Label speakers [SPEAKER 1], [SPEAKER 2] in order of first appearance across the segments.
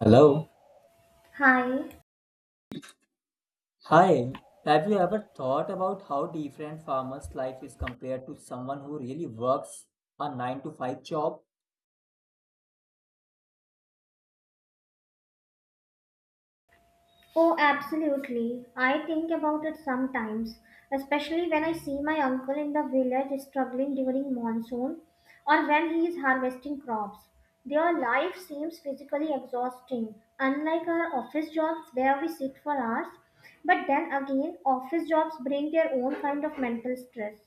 [SPEAKER 1] Hello.
[SPEAKER 2] Hi.
[SPEAKER 1] Hi. Have you ever thought about how different farmer's life is compared to someone who really works a 9 to 5 job?
[SPEAKER 2] Oh, absolutely. I think about it sometimes, especially when I see my uncle in the village struggling during monsoon or when he is harvesting crops. Their life seems physically exhausting, unlike our office jobs where we sit for hours. But then again, office jobs bring their own kind of mental stress.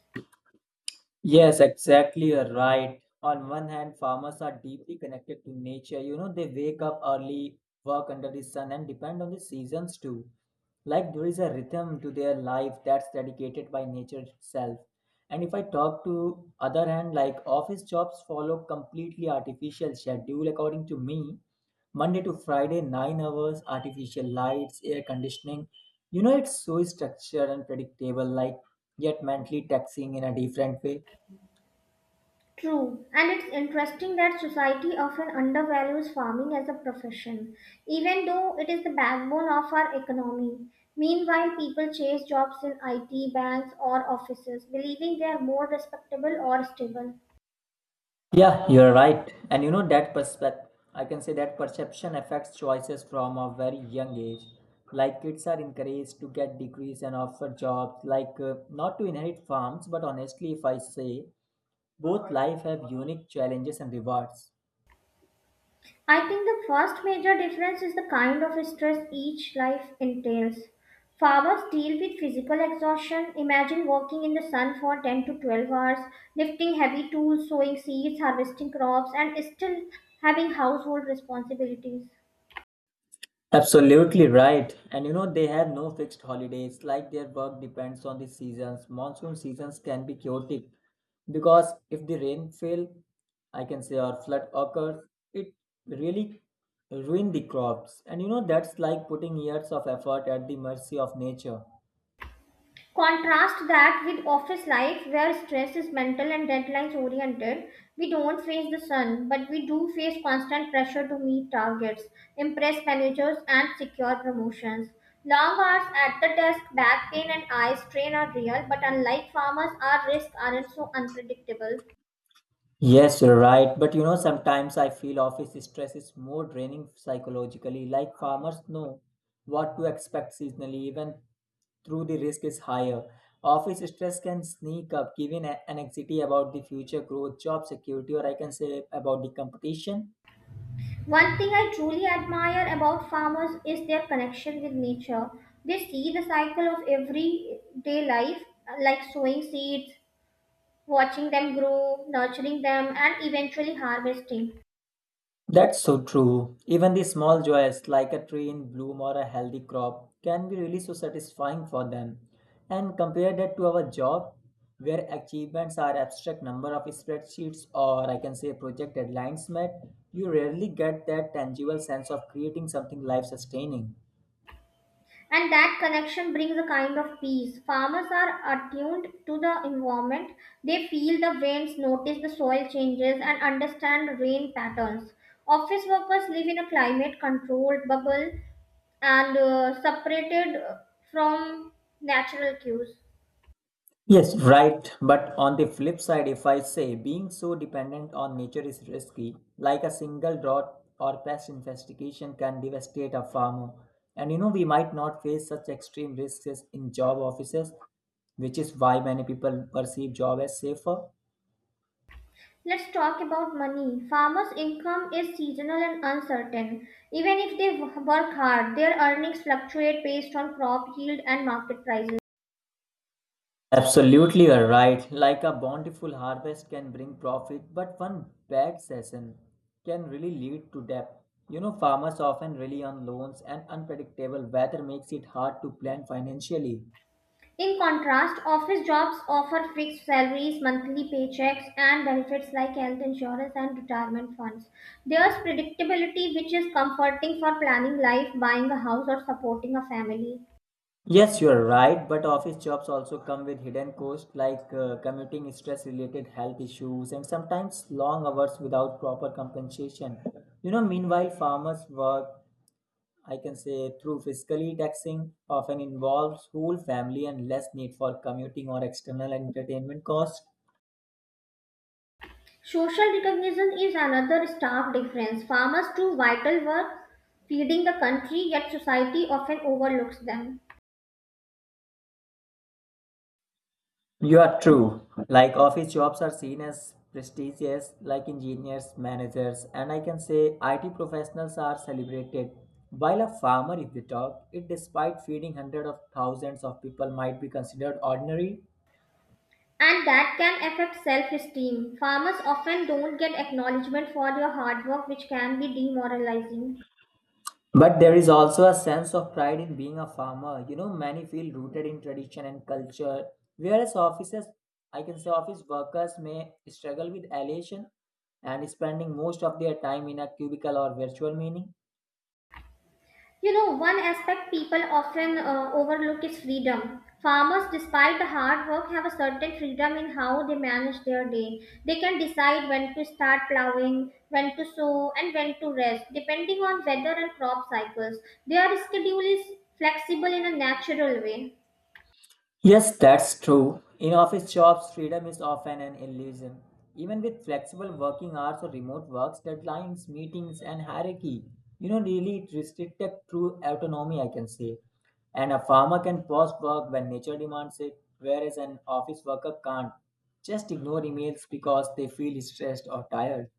[SPEAKER 1] Yes, exactly. You're right. On one hand, farmers are deeply connected to nature. You know, they wake up early, work under the sun, and depend on the seasons too. Like there is a rhythm to their life that's dedicated by nature itself. And if I talk to other hand, like office jobs follow completely artificial schedule according to me. Monday to Friday, 9 hours, artificial lights, air conditioning. You know, it's so structured and predictable, like yet mentally taxing in a different way.
[SPEAKER 2] True, and it's interesting that society often undervalues farming as a profession, even though it is the backbone of our economy. Meanwhile, people chase jobs in IT, banks, or offices, believing they are more respectable or stable.
[SPEAKER 1] Yeah, you're right. And you know that perspective, I can say that perception affects choices from a very young age. Like kids are encouraged to get degrees and offer jobs, like not to inherit farms, but honestly, if I say, both life have unique challenges and rewards.
[SPEAKER 2] I think the first major difference is the kind of stress each life entails. Farmers deal with physical exhaustion. Imagine working in the sun for 10 to 12 hours, lifting heavy tools, sowing seeds, harvesting crops, and still having household responsibilities.
[SPEAKER 1] Absolutely right. And you know, they have no fixed holidays, like their work depends on the seasons. Monsoon seasons can be chaotic because if the rain fail, I can say, or flood occurs, it really ruin the crops. And you know, that's like putting years of effort at the mercy of nature.
[SPEAKER 2] Contrast that with office life where stress is mental and deadlines oriented. We don't face the sun, but we do face constant pressure to meet targets, impress managers, and secure promotions. Long hours at the desk, back pain, and eye strain are real, but unlike farmers, our risks aren't so unpredictable.
[SPEAKER 1] Yes, you're right. But you know, sometimes I feel office stress is more draining psychologically. Like farmers know what to expect seasonally, even through the risk is higher. Office stress can sneak up, giving an anxiety about the future growth, job security, or I can say about the competition.
[SPEAKER 2] One thing I truly admire about farmers is their connection with nature. They see the cycle of everyday life, like sowing seeds, watching them grow, nurturing them, and eventually harvesting.
[SPEAKER 1] That's so true. Even the small joys, like a tree in bloom or a healthy crop, can be really so satisfying for them. And compare that to our job, where achievements are abstract number of spreadsheets or I can say project deadlines met, you rarely get that tangible sense of creating something life sustaining.
[SPEAKER 2] And that connection brings a kind of peace. Farmers are attuned to the environment. They feel the winds, notice the soil changes, and understand rain patterns. Office workers live in a climate controlled bubble and separated from natural cues.
[SPEAKER 1] Yes, right. But on the flip side, if I say being so dependent on nature is risky, like a single drought or pest infestation can devastate a farmer. And you know, we might not face such extreme risks in job offices, which is why many people perceive job as safer.
[SPEAKER 2] Let's talk about money. Farmers' income is seasonal and uncertain. Even if they work hard, their earnings fluctuate based on crop yield and market prices.
[SPEAKER 1] Absolutely, you're right. Like a bountiful harvest can bring profit, but one bad season can really lead to debt. You know, farmers often rely on loans, and unpredictable weather makes it hard to plan financially.
[SPEAKER 2] In contrast, office jobs offer fixed salaries, monthly paychecks, and benefits like health insurance and retirement funds. There's predictability, which is comforting for planning life, buying a house, or supporting a family.
[SPEAKER 1] Yes, you're right, but office jobs also come with hidden costs like commuting, stress related health issues, and sometimes long hours without proper compensation. You know, meanwhile, farmers work I can say through fiscally taxing often involves whole family and less need for commuting or external entertainment costs.
[SPEAKER 2] Social recognition is another stark difference. Farmers do vital work feeding the country, yet society often overlooks them.
[SPEAKER 1] You are true. Like office jobs are seen as prestigious, like engineers, managers, and I can say IT professionals are celebrated. While a farmer, if we talk, it despite feeding hundreds of thousands of people, might be considered ordinary.
[SPEAKER 2] And that can affect self esteem. Farmers often don't get acknowledgement for their hard work, which can be demoralizing.
[SPEAKER 1] But there is also a sense of pride in being a farmer. You know, many feel rooted in tradition and culture, whereas offices, I can say office workers may struggle with elation and spending most of their time in a cubicle or virtual meeting.
[SPEAKER 2] You know, one aspect people often overlook is freedom. Farmers, despite the hard work, have a certain freedom in how they manage their day. They can decide when to start plowing, when to sow, and when to rest, depending on weather and crop cycles. Their schedule is flexible in a natural way.
[SPEAKER 1] Yes, that's true. In office jobs, freedom is often an illusion. Even with flexible working hours or remote works, deadlines, meetings, and hierarchy, you know, really it restricted true autonomy, I can say. And a farmer can pause work when nature demands it, whereas an office worker can't. Just ignore emails because they feel stressed or tired.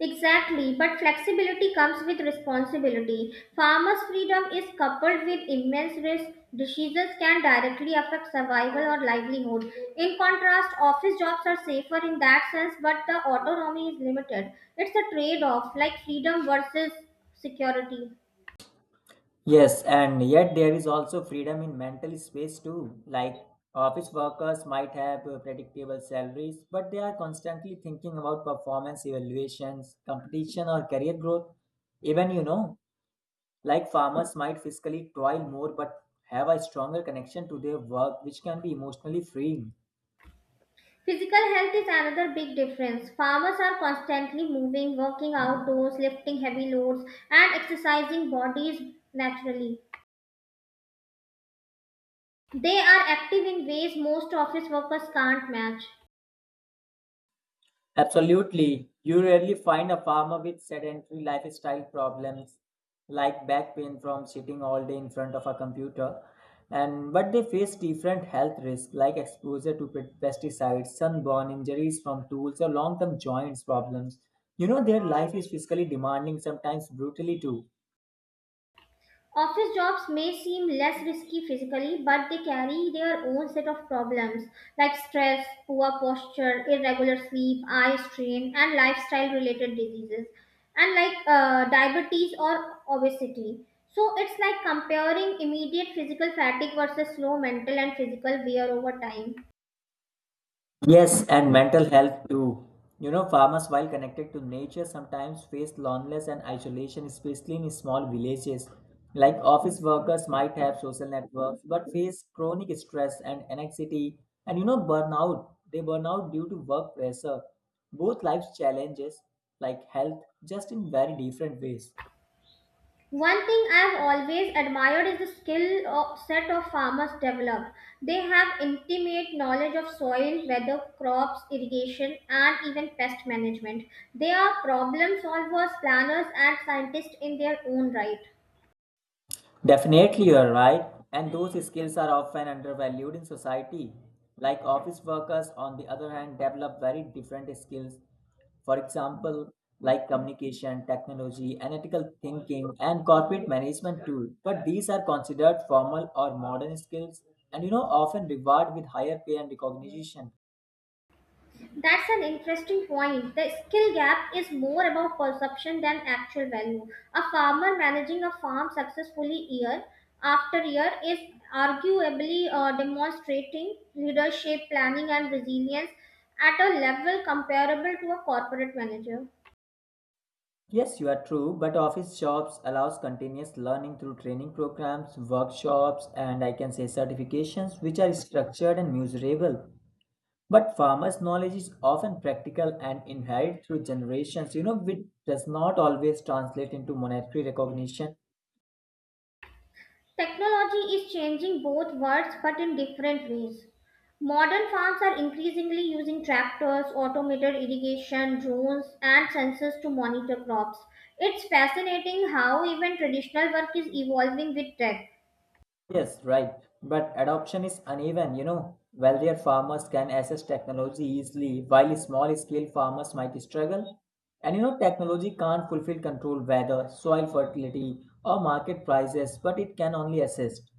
[SPEAKER 2] Exactly, but flexibility comes with responsibility. Farmers' freedom is coupled with immense risk. Diseases can directly affect survival or livelihood. In contrast, office jobs are safer in that sense, but the autonomy is limited. It's a trade off, like freedom versus security.
[SPEAKER 1] Yes, and yet there is also freedom in mental space too. Like office workers might have predictable salaries, but they are constantly thinking about performance evaluations, competition, or career growth. Even, you know, like farmers might fiscally toil more but have a stronger connection to their work, which can be emotionally freeing.
[SPEAKER 2] Physical health is another big difference. Farmers are constantly moving, working outdoors, lifting heavy loads, and exercising bodies naturally. They are active in ways most office workers can't match.
[SPEAKER 1] Absolutely. You rarely find a farmer with sedentary lifestyle problems like back pain from sitting all day in front of a computer. And but they face different health risks like exposure to pesticides, sunburn, injuries from tools, or long-term joints problems. You know, their life is physically demanding, sometimes brutally too.
[SPEAKER 2] Office jobs may seem less risky physically, but they carry their own set of problems like stress, poor posture, irregular sleep, eye strain, and lifestyle related diseases, and like diabetes or obesity. So it's like comparing immediate physical fatigue versus slow mental and physical wear over time.
[SPEAKER 1] Yes, and mental health too. You know, farmers, while connected to nature, sometimes face loneliness and isolation, especially in small villages. Like office workers might have social networks, but face chronic stress and anxiety, and you know, burnout. They burn out due to work pressure. Both life's challenges, like health, just in very different ways.
[SPEAKER 2] One thing I have always admired is the skill of set of farmers develop. They have intimate knowledge of soil, weather, crops, irrigation, and even pest management. They are problem solvers, planners, and scientists in their own right.
[SPEAKER 1] Definitely, you are right. And those skills are often undervalued in society. Like office workers, on the other hand, develop very different skills. For example, like communication, technology, analytical thinking, and corporate management too. But these are considered formal or modern skills and you know often reward with higher pay and recognition.
[SPEAKER 2] That's an interesting point. The skill gap is more about perception than actual value. A farmer managing a farm successfully year after year is arguably demonstrating leadership, planning, and resilience at a level comparable to a corporate manager.
[SPEAKER 1] Yes, you are true, but office jobs allows continuous learning through training programs, workshops, and I can say certifications which are structured and measurable. But farmers' knowledge is often practical and inherited through generations, you know, which does not always translate into monetary recognition.
[SPEAKER 2] Technology is changing both worlds but in different ways. Modern farms are increasingly using tractors, automated irrigation, drones, and sensors to monitor crops. It's fascinating how even traditional work is evolving with tech.
[SPEAKER 1] Yes, right. But adoption is uneven, you know. Wealthier farmers can access technology easily, while small scale farmers might struggle. And you know, technology can't fulfill control weather, soil fertility, or market prices, but it can only assist.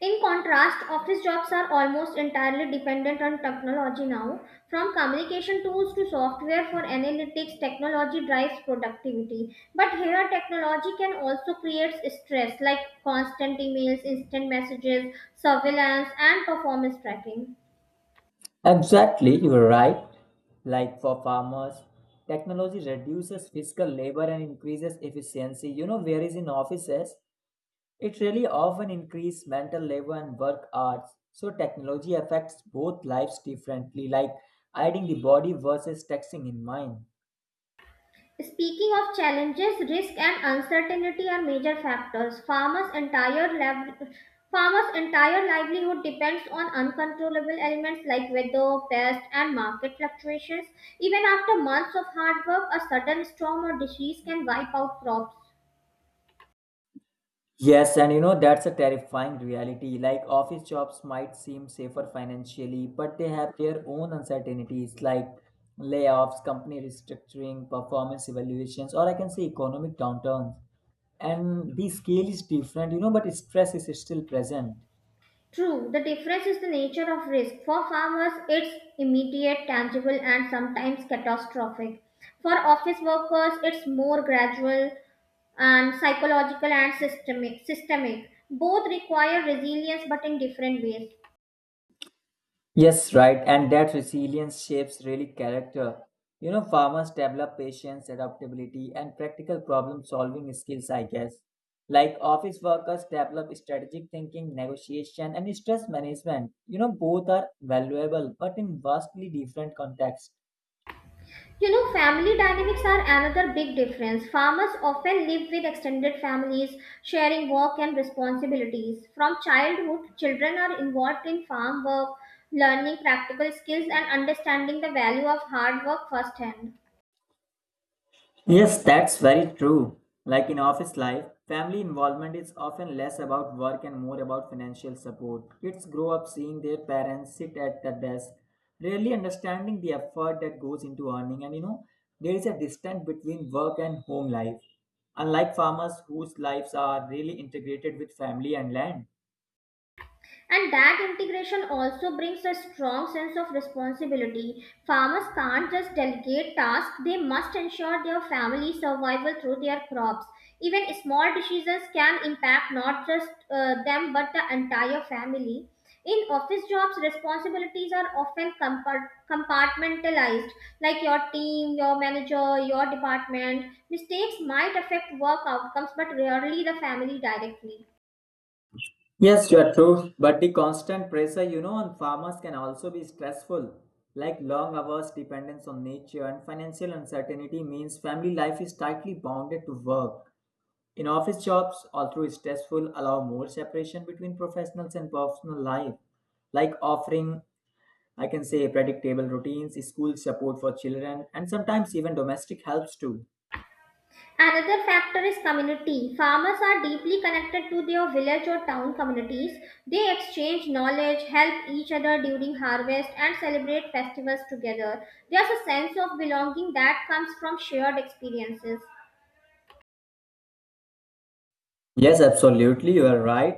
[SPEAKER 2] In contrast, office jobs are almost entirely dependent on technology now. From communication tools to software for analytics, technology drives productivity. But here, technology can also create stress like constant emails, instant messages, surveillance, and performance tracking.
[SPEAKER 1] Exactly, you're right. Like for farmers, technology reduces physical labor and increases efficiency. You know, whereas in offices, it really often increases mental labor and work hours. So technology affects both lives differently, like hiding the body versus texting in mind.
[SPEAKER 2] Speaking of challenges, risk and uncertainty are major factors. Farmers' entire livelihood depends on uncontrollable elements like weather, pest, and market fluctuations. Even after months of hard work, a sudden storm or disease can wipe out crops.
[SPEAKER 1] Yes, and you know that's a terrifying reality. Like office jobs might seem safer financially, but they have their own uncertainties like layoffs, company restructuring, performance evaluations, or I can say economic downturns. And the scale is different, you know, but stress is still present.
[SPEAKER 2] True, the difference is the nature of risk. For farmers, it's immediate, tangible, and sometimes catastrophic. For office workers, it's more gradual and psychological and systemic. Both require resilience but in different ways.
[SPEAKER 1] Yes, right. And that resilience shapes really character. You know, farmers develop patience, adaptability, and practical problem solving skills, I guess. Like office workers develop strategic thinking, negotiation, and stress management. You know, both are valuable, but in vastly different contexts.
[SPEAKER 2] You know, family dynamics are another big difference. Farmers often live with extended families, sharing work and responsibilities. From childhood, children are involved in farm work, learning practical skills, and understanding the value of hard work firsthand.
[SPEAKER 1] Yes, that's very true. Like in office life, family involvement is often less about work and more about financial support. Kids grow up seeing their parents sit at the desk, rarely understanding the effort that goes into earning. And you know, there is a distance between work and home life, unlike farmers whose lives are really integrated with family and land.
[SPEAKER 2] And that integration also brings a strong sense of responsibility. Farmers can't just delegate tasks, they must ensure their family survival through their crops. Even small decisions can impact not just them but the entire family. In office jobs, responsibilities are often compartmentalized, like your team, your manager, your department. Mistakes might affect work outcomes but rarely the family directly.
[SPEAKER 1] Yes, you are true. But the constant pressure, you know, on farmers can also be stressful. Like long hours, dependence on nature, and financial uncertainty means family life is tightly bounded to work. In office jobs, although stressful, allow more separation between professionals and personal life, like offering, I can say, predictable routines, school support for children, and sometimes even domestic helps too.
[SPEAKER 2] Another factor is community. Farmers are deeply connected to their village or town communities. They exchange knowledge, help each other during harvest, and celebrate festivals together. There's a sense of belonging that comes from shared experiences.
[SPEAKER 1] Yes, absolutely, you are right.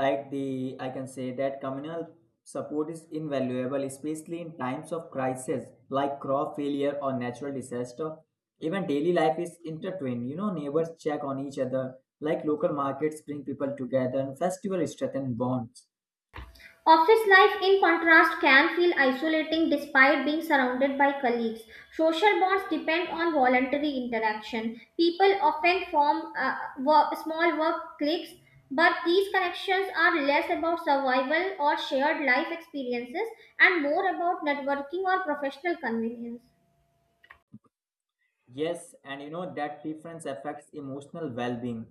[SPEAKER 1] Like the I can say that communal support is invaluable, especially in times of crisis like crop failure or natural disaster. Even daily life is intertwined, you know, neighbors check on each other, like local markets bring people together and festival strengthen bonds.
[SPEAKER 2] Office life, in contrast, can feel isolating despite being surrounded by colleagues. Social bonds depend on voluntary interaction. People often form small work cliques, but these connections are less about survival or shared life experiences and more about networking or professional convenience.
[SPEAKER 1] Yes, and you know that difference affects emotional well being.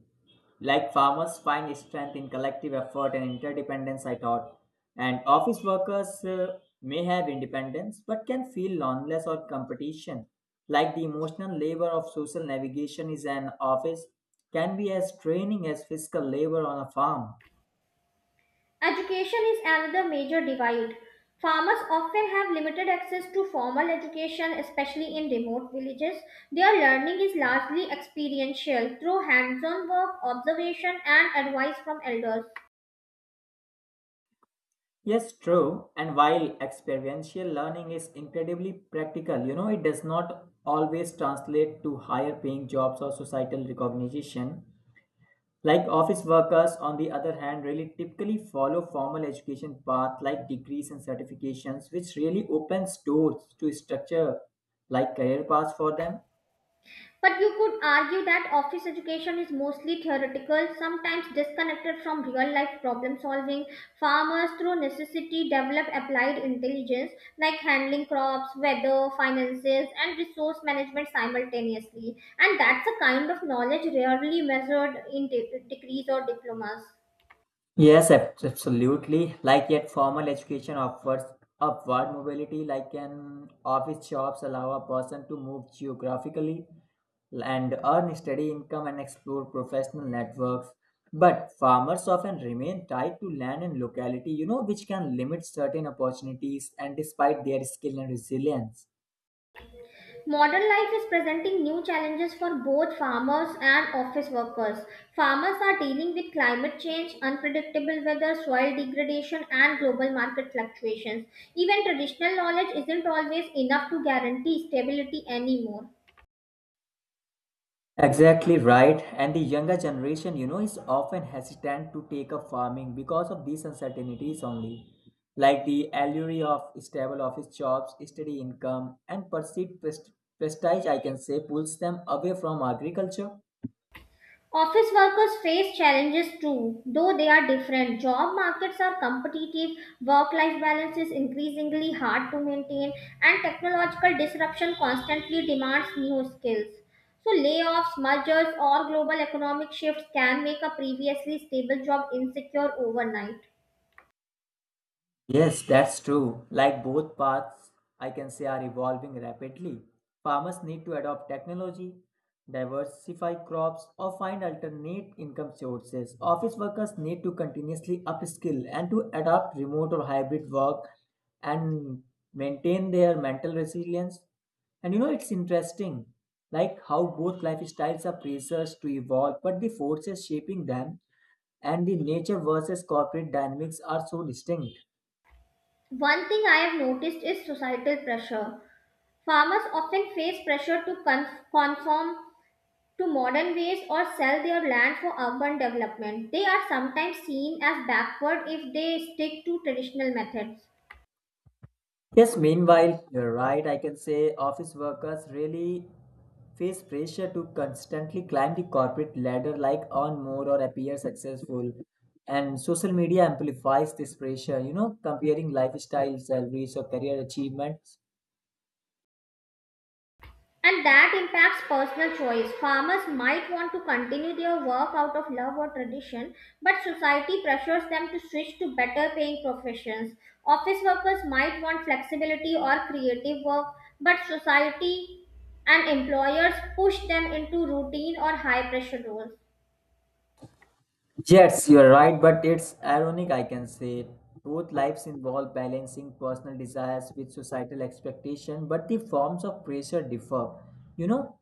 [SPEAKER 1] Like farmers find strength in collective effort and interdependence, I thought. And office workers may have independence but can feel loneliness or competition. Like the emotional labor of social navigation is an office, can be as draining as physical labor on a farm.
[SPEAKER 2] Education is another major divide. Farmers often have limited access to formal education, especially in remote villages. Their learning is largely experiential through hands on work, observation, and advice from elders.
[SPEAKER 1] Yes, true. And while experiential learning is incredibly practical, you know, it does not always translate to higher paying jobs or societal recognition. Like office workers, on the other hand, really typically follow formal education path like degrees and certifications, which really opens doors to structure like career paths for them.
[SPEAKER 2] But you could argue that office education is mostly theoretical, sometimes disconnected from real life problem solving. Farmers, through necessity, develop applied intelligence like handling crops, weather, finances, and resource management simultaneously. And that's a kind of knowledge rarely measured in degrees or diplomas.
[SPEAKER 1] Yes, absolutely. Like yet formal education offers upward mobility, like an office jobs allow a person to move geographically and earn steady income and explore professional networks. But farmers often remain tied to land and locality, you know, which can limit certain opportunities and despite their skill and resilience.
[SPEAKER 2] Modern life is presenting new challenges for both farmers and office workers. Farmers are dealing with climate change, unpredictable weather, soil degradation, and global market fluctuations. Even traditional knowledge isn't always enough to guarantee stability anymore.
[SPEAKER 1] Exactly right. And the younger generation, you know, is often hesitant to take up farming because of these uncertainties only, like the allure of stable office jobs, steady income, and perceived prestige, I can say, pulls them away from agriculture.
[SPEAKER 2] Office workers face challenges too, though they are different. Job markets are competitive, work life balance is increasingly hard to maintain, and technological disruption constantly demands new skills. So, layoffs, mergers, or global economic shifts can make a previously stable job insecure overnight.
[SPEAKER 1] Yes, that's true. Like both paths, I can say are evolving rapidly. Farmers need to adopt technology, diversify crops, or find alternate income sources. Office workers need to continuously upskill and to adopt remote or hybrid work and maintain their mental resilience. And you know, it's interesting, like how both lifestyles are pressures to evolve, but the forces shaping them and the nature versus corporate dynamics are so distinct.
[SPEAKER 2] One thing I have noticed is societal pressure. Farmers often face pressure to conform to modern ways or sell their land for urban development. They are sometimes seen as backward if they stick to traditional methods.
[SPEAKER 1] Yes, meanwhile, you're right. I can say office workers really face pressure to constantly climb the corporate ladder, like earn more or appear successful. And social media amplifies this pressure, you know, comparing lifestyle, salaries, or career achievements.
[SPEAKER 2] And that impacts personal choice. Farmers might want to continue their work out of love or tradition, but society pressures them to switch to better paying professions. Office workers might want flexibility or creative work, but society and employers push them into routine or high pressure roles.
[SPEAKER 1] Yes, you're right, but it's ironic, I can say. Both lives involve balancing personal desires with societal expectation, but the forms of pressure differ. You know,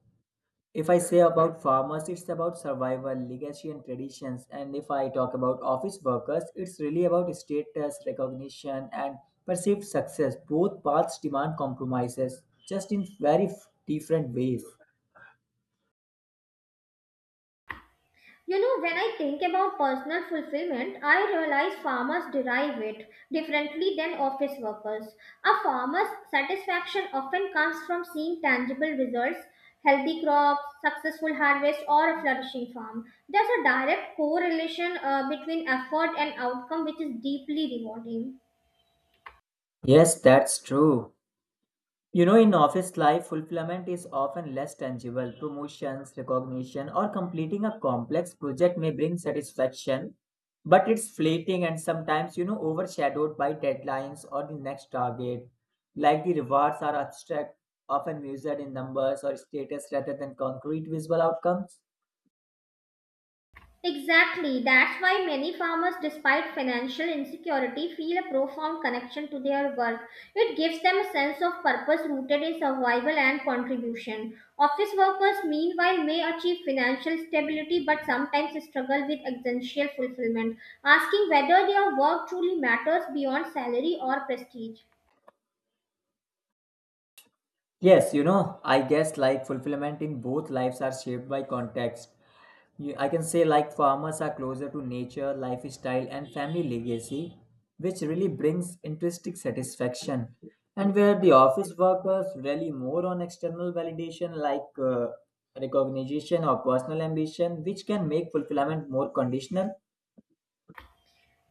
[SPEAKER 1] if I say about farmers, it's about survival, legacy, and traditions. And if I talk about office workers, it's really about status, recognition, and perceived success. Both paths demand compromises, just in very different ways.
[SPEAKER 2] You know, when I think about personal fulfillment, I realize farmers derive it differently than office workers. A farmer's satisfaction often comes from seeing tangible results healthy crops, successful harvest, or a flourishing farm. There's a direct correlation between effort and outcome, which is deeply rewarding.
[SPEAKER 1] Yes, that's true. You know, in office life, fulfillment is often less tangible. Promotions, recognition, or completing a complex project may bring satisfaction, but it's fleeting and sometimes, you know, overshadowed by deadlines or the next target. Like the rewards are abstract, often measured in numbers or status rather than concrete visual outcomes.
[SPEAKER 2] Exactly. That's why many farmers, despite financial insecurity, feel a profound connection to their work. It gives them a sense of purpose rooted in survival and contribution. Office workers, meanwhile, may achieve financial stability but sometimes struggle with existential fulfillment, asking whether their work truly matters beyond salary or prestige.
[SPEAKER 1] Yes, you know, I guess like fulfillment in both lives are shaped by context. You, I can say like farmers are closer to nature, lifestyle, and family legacy, which really brings intrinsic satisfaction. And where the office workers rely more on external validation like recognition or personal ambition, which can make fulfillment more conditional.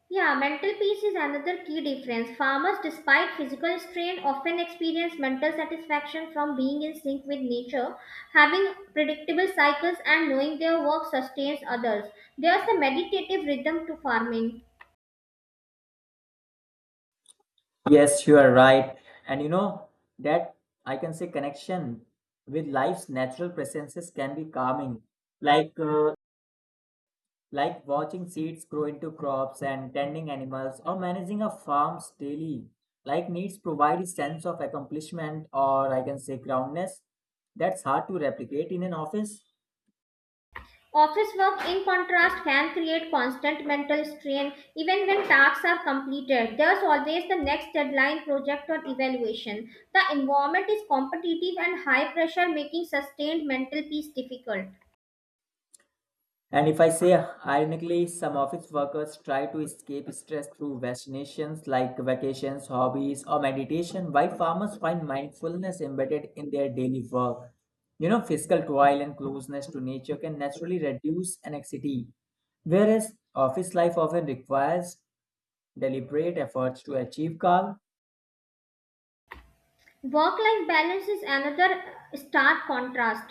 [SPEAKER 2] Yeah, mental peace is another key difference. Farmers, despite physical strain, often experience mental satisfaction from being in sync with nature, having predictable cycles, and knowing their work sustains others. There's a meditative rhythm to farming.
[SPEAKER 1] Yes, you are right. And you know that I can say connection with life's natural presences can be calming. Like uh, like watching seeds grow into crops and tending animals or managing a farm's daily like needs provide a sense of accomplishment or I can say groundness that's hard to replicate in an office.
[SPEAKER 2] Office work, in contrast, can create constant mental strain even when tasks are completed. There's always the next deadline, project, or evaluation. The environment is competitive and high pressure, making sustained mental peace difficult.
[SPEAKER 1] And if I say ironically, some office workers try to escape stress through vaccinations like vacations, hobbies, or meditation, while farmers find mindfulness embedded in their daily work. You know, physical toil and closeness to nature can naturally reduce anxiety, whereas office life often requires deliberate efforts to achieve calm.
[SPEAKER 2] Work life balance is another stark contrast.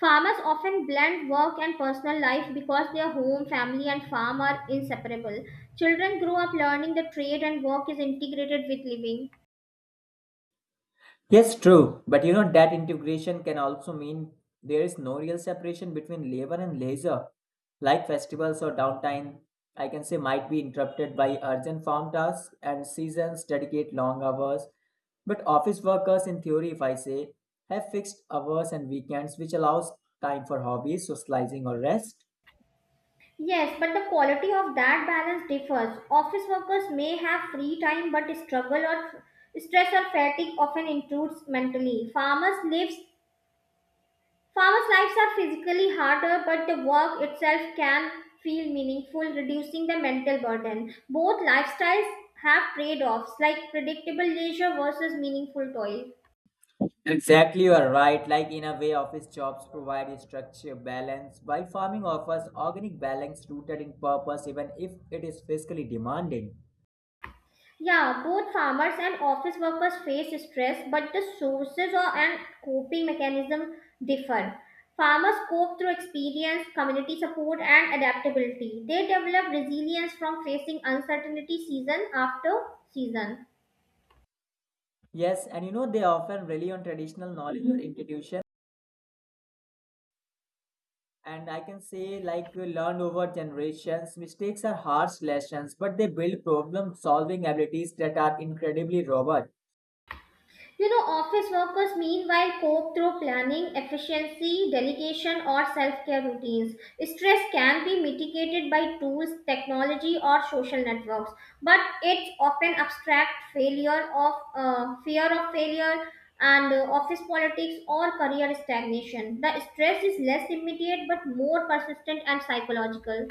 [SPEAKER 2] Farmers often blend work and personal life because their home, family, and farm are inseparable. Children grow up learning the trade and work is integrated with living.
[SPEAKER 1] Yes, true. But you know that integration can also mean there is no real separation between labor and leisure, like festivals or downtime. I can say might be interrupted by urgent farm tasks and seasons dedicate long hours. But office workers, in theory, if I say, have fixed hours and weekends, which allows time for hobbies, socializing, or rest.
[SPEAKER 2] Yes, but the quality of that balance differs. Office workers may have free time, but struggle or stress or fatigue often intrudes mentally. Farmers' lives are physically harder, but the work itself can feel meaningful, reducing the mental burden. Both lifestyles have trade offs, like predictable leisure versus meaningful toil.
[SPEAKER 1] Exactly, you are right. Like in a way, office jobs provide a structure balance, while farming offers organic balance rooted in purpose, even if it is physically demanding.
[SPEAKER 2] Yeah, both farmers and office workers face stress, but the sources or and coping mechanism differ. Farmers cope through experience, community support, and adaptability. They develop resilience from facing uncertainty season after season.
[SPEAKER 1] Yes, and you know they often rely on traditional knowledge or intuition. And I can say, learned over generations, mistakes are harsh lessons, but they build problem-solving abilities that are incredibly robust.
[SPEAKER 2] You know, office workers meanwhile cope through planning, efficiency, delegation, or self care routines. Stress can be mitigated by tools, technology, or social networks, but it's often abstract failure of fear of failure and office politics or career stagnation. The stress is less immediate but more persistent and psychological.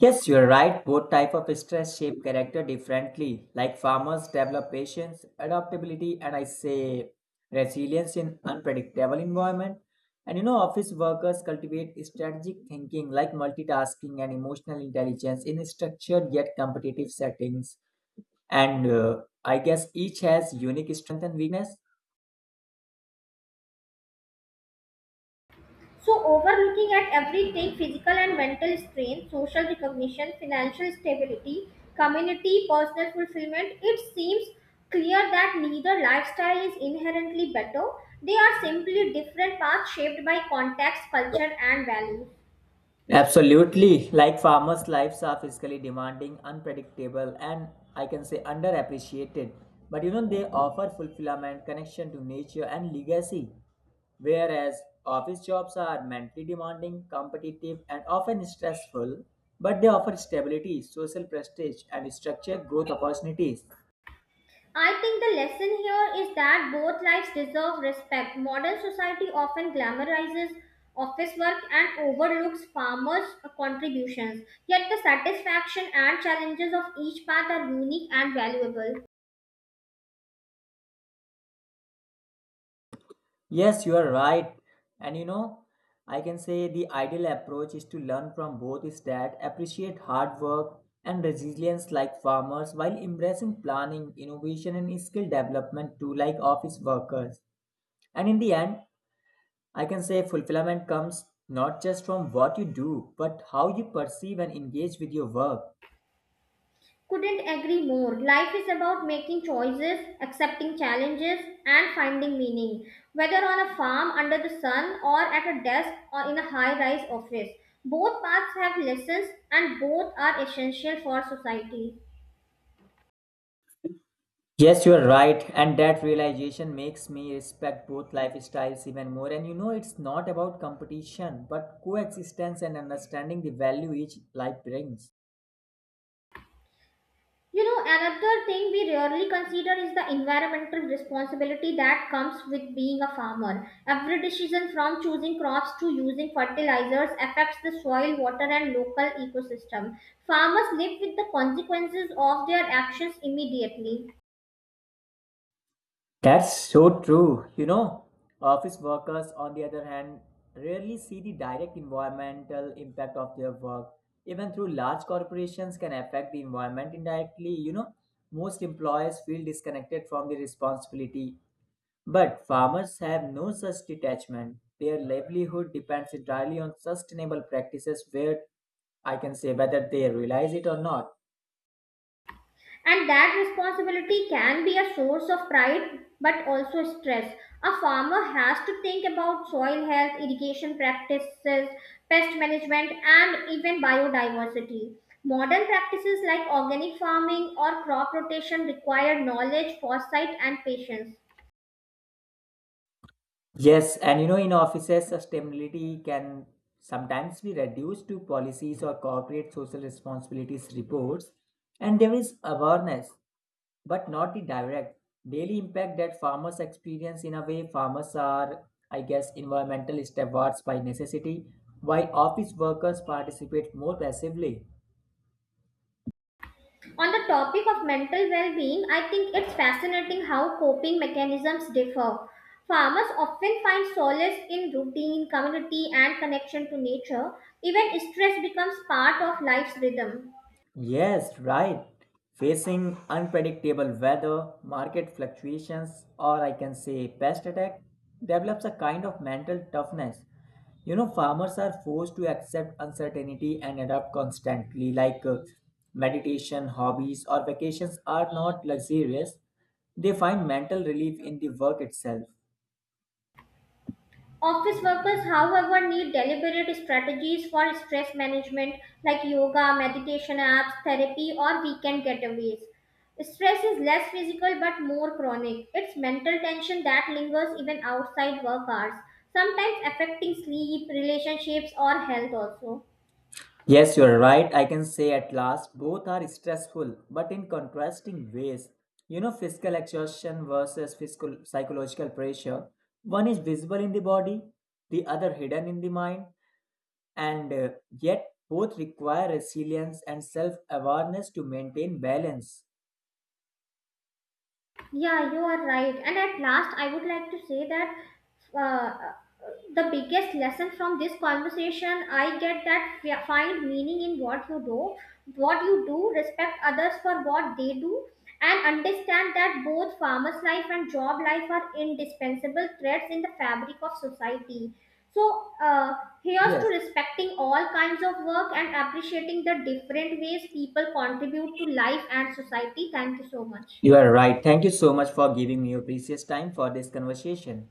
[SPEAKER 1] Yes, you're right. Both type of stress shape character differently. Like farmers develop patience, adaptability, and I say resilience in unpredictable environment. And you know, office workers cultivate strategic thinking like multitasking and emotional intelligence in structured yet competitive settings. And I guess each has unique strength and weakness.
[SPEAKER 2] So, overlooking at everything physical and mental strain, social recognition, financial stability, community, personal fulfillment, it seems clear that neither lifestyle is inherently better. They are simply different paths shaped by context, culture, and values.
[SPEAKER 1] Absolutely. Like farmers' lives are physically demanding, unpredictable, and I can say underappreciated. But you know, they offer fulfillment, connection to nature, and legacy. Whereas office jobs are mentally demanding, competitive, and often stressful, but they offer stability, social prestige, and structured growth opportunities.
[SPEAKER 2] I think the lesson here is that both lives deserve respect. Modern society often glamorizes office work and overlooks farmers' contributions, yet, the satisfaction and challenges of each path are unique and valuable.
[SPEAKER 1] Yes, you are right. And you know, I can say the ideal approach is to learn from both is that appreciate hard work and resilience like farmers while embracing planning, innovation, and skill development too like office workers. And in the end, I can say fulfillment comes not just from what you do, but how you perceive and engage with your work.
[SPEAKER 2] Couldn't agree more. Life is about making choices, accepting challenges, and finding meaning. Whether on a farm under the sun or at a desk or in a high rise office, both paths have lessons and both are essential for society.
[SPEAKER 1] Yes, you are right, and that realization makes me respect both lifestyles even more. And you know, it's not about competition, but coexistence and understanding the value each life brings.
[SPEAKER 2] You know, another thing we rarely consider is the environmental responsibility that comes with being a farmer. Every decision from choosing crops to using fertilizers affects the soil, water, and local ecosystem. Farmers live with the consequences of their actions immediately.
[SPEAKER 1] That's so true. You know, office workers, on the other hand, rarely see the direct environmental impact of their work. Even through large corporations can affect the environment indirectly. You know, most employers feel disconnected from the responsibility. But farmers have no such detachment. Their livelihood depends entirely on sustainable practices where I can say whether they realize it or not.
[SPEAKER 2] And that responsibility can be a source of pride but also stress. A farmer has to think about soil health, irrigation practices, pest management, and even biodiversity. Modern practices like organic farming or crop rotation require knowledge, foresight, and patience.
[SPEAKER 1] Yes, and you know, in offices, sustainability can sometimes be reduced to policies or corporate social responsibilities reports, and there is awareness, but not the direct daily impact that farmers experience. In a way, farmers are, I guess, environmental stewards by necessity, while office workers participate more passively.
[SPEAKER 2] On the topic of mental well being, I think it's fascinating how coping mechanisms differ. Farmers often find solace in routine, community, and connection to nature. Even stress becomes part of life's rhythm.
[SPEAKER 1] Yes, right. Facing unpredictable weather, market fluctuations, or I can say pest attack, develops a kind of mental toughness. You know, farmers are forced to accept uncertainty and adapt constantly, meditation, hobbies, or vacations are not luxurious. They find mental relief in the work itself.
[SPEAKER 2] Office workers, however, need deliberate strategies for stress management like yoga, meditation apps, therapy, or weekend getaways. Stress is less physical but more chronic. It's mental tension that lingers even outside work hours, sometimes affecting sleep, relationships, or health also.
[SPEAKER 1] Yes, you are right. I can say at last both are stressful, but in contrasting ways. You know, physical exhaustion versus physical psychological pressure. One is visible in the body, the other hidden in the mind, and yet both require resilience and self awareness to maintain balance.
[SPEAKER 2] Yeah, you are right. And at last, I would like to say that uh, the biggest lesson from this conversation I get that find meaning in what you do, respect others for what they do, and understand that both farmers' life and job life are indispensable threads in the fabric of society. So, here's to
[SPEAKER 1] Yes,
[SPEAKER 2] respecting all kinds of work and appreciating the different ways people contribute to life and society. Thank you so much.
[SPEAKER 1] you are right. Thank you so much for giving me your precious time for this conversation.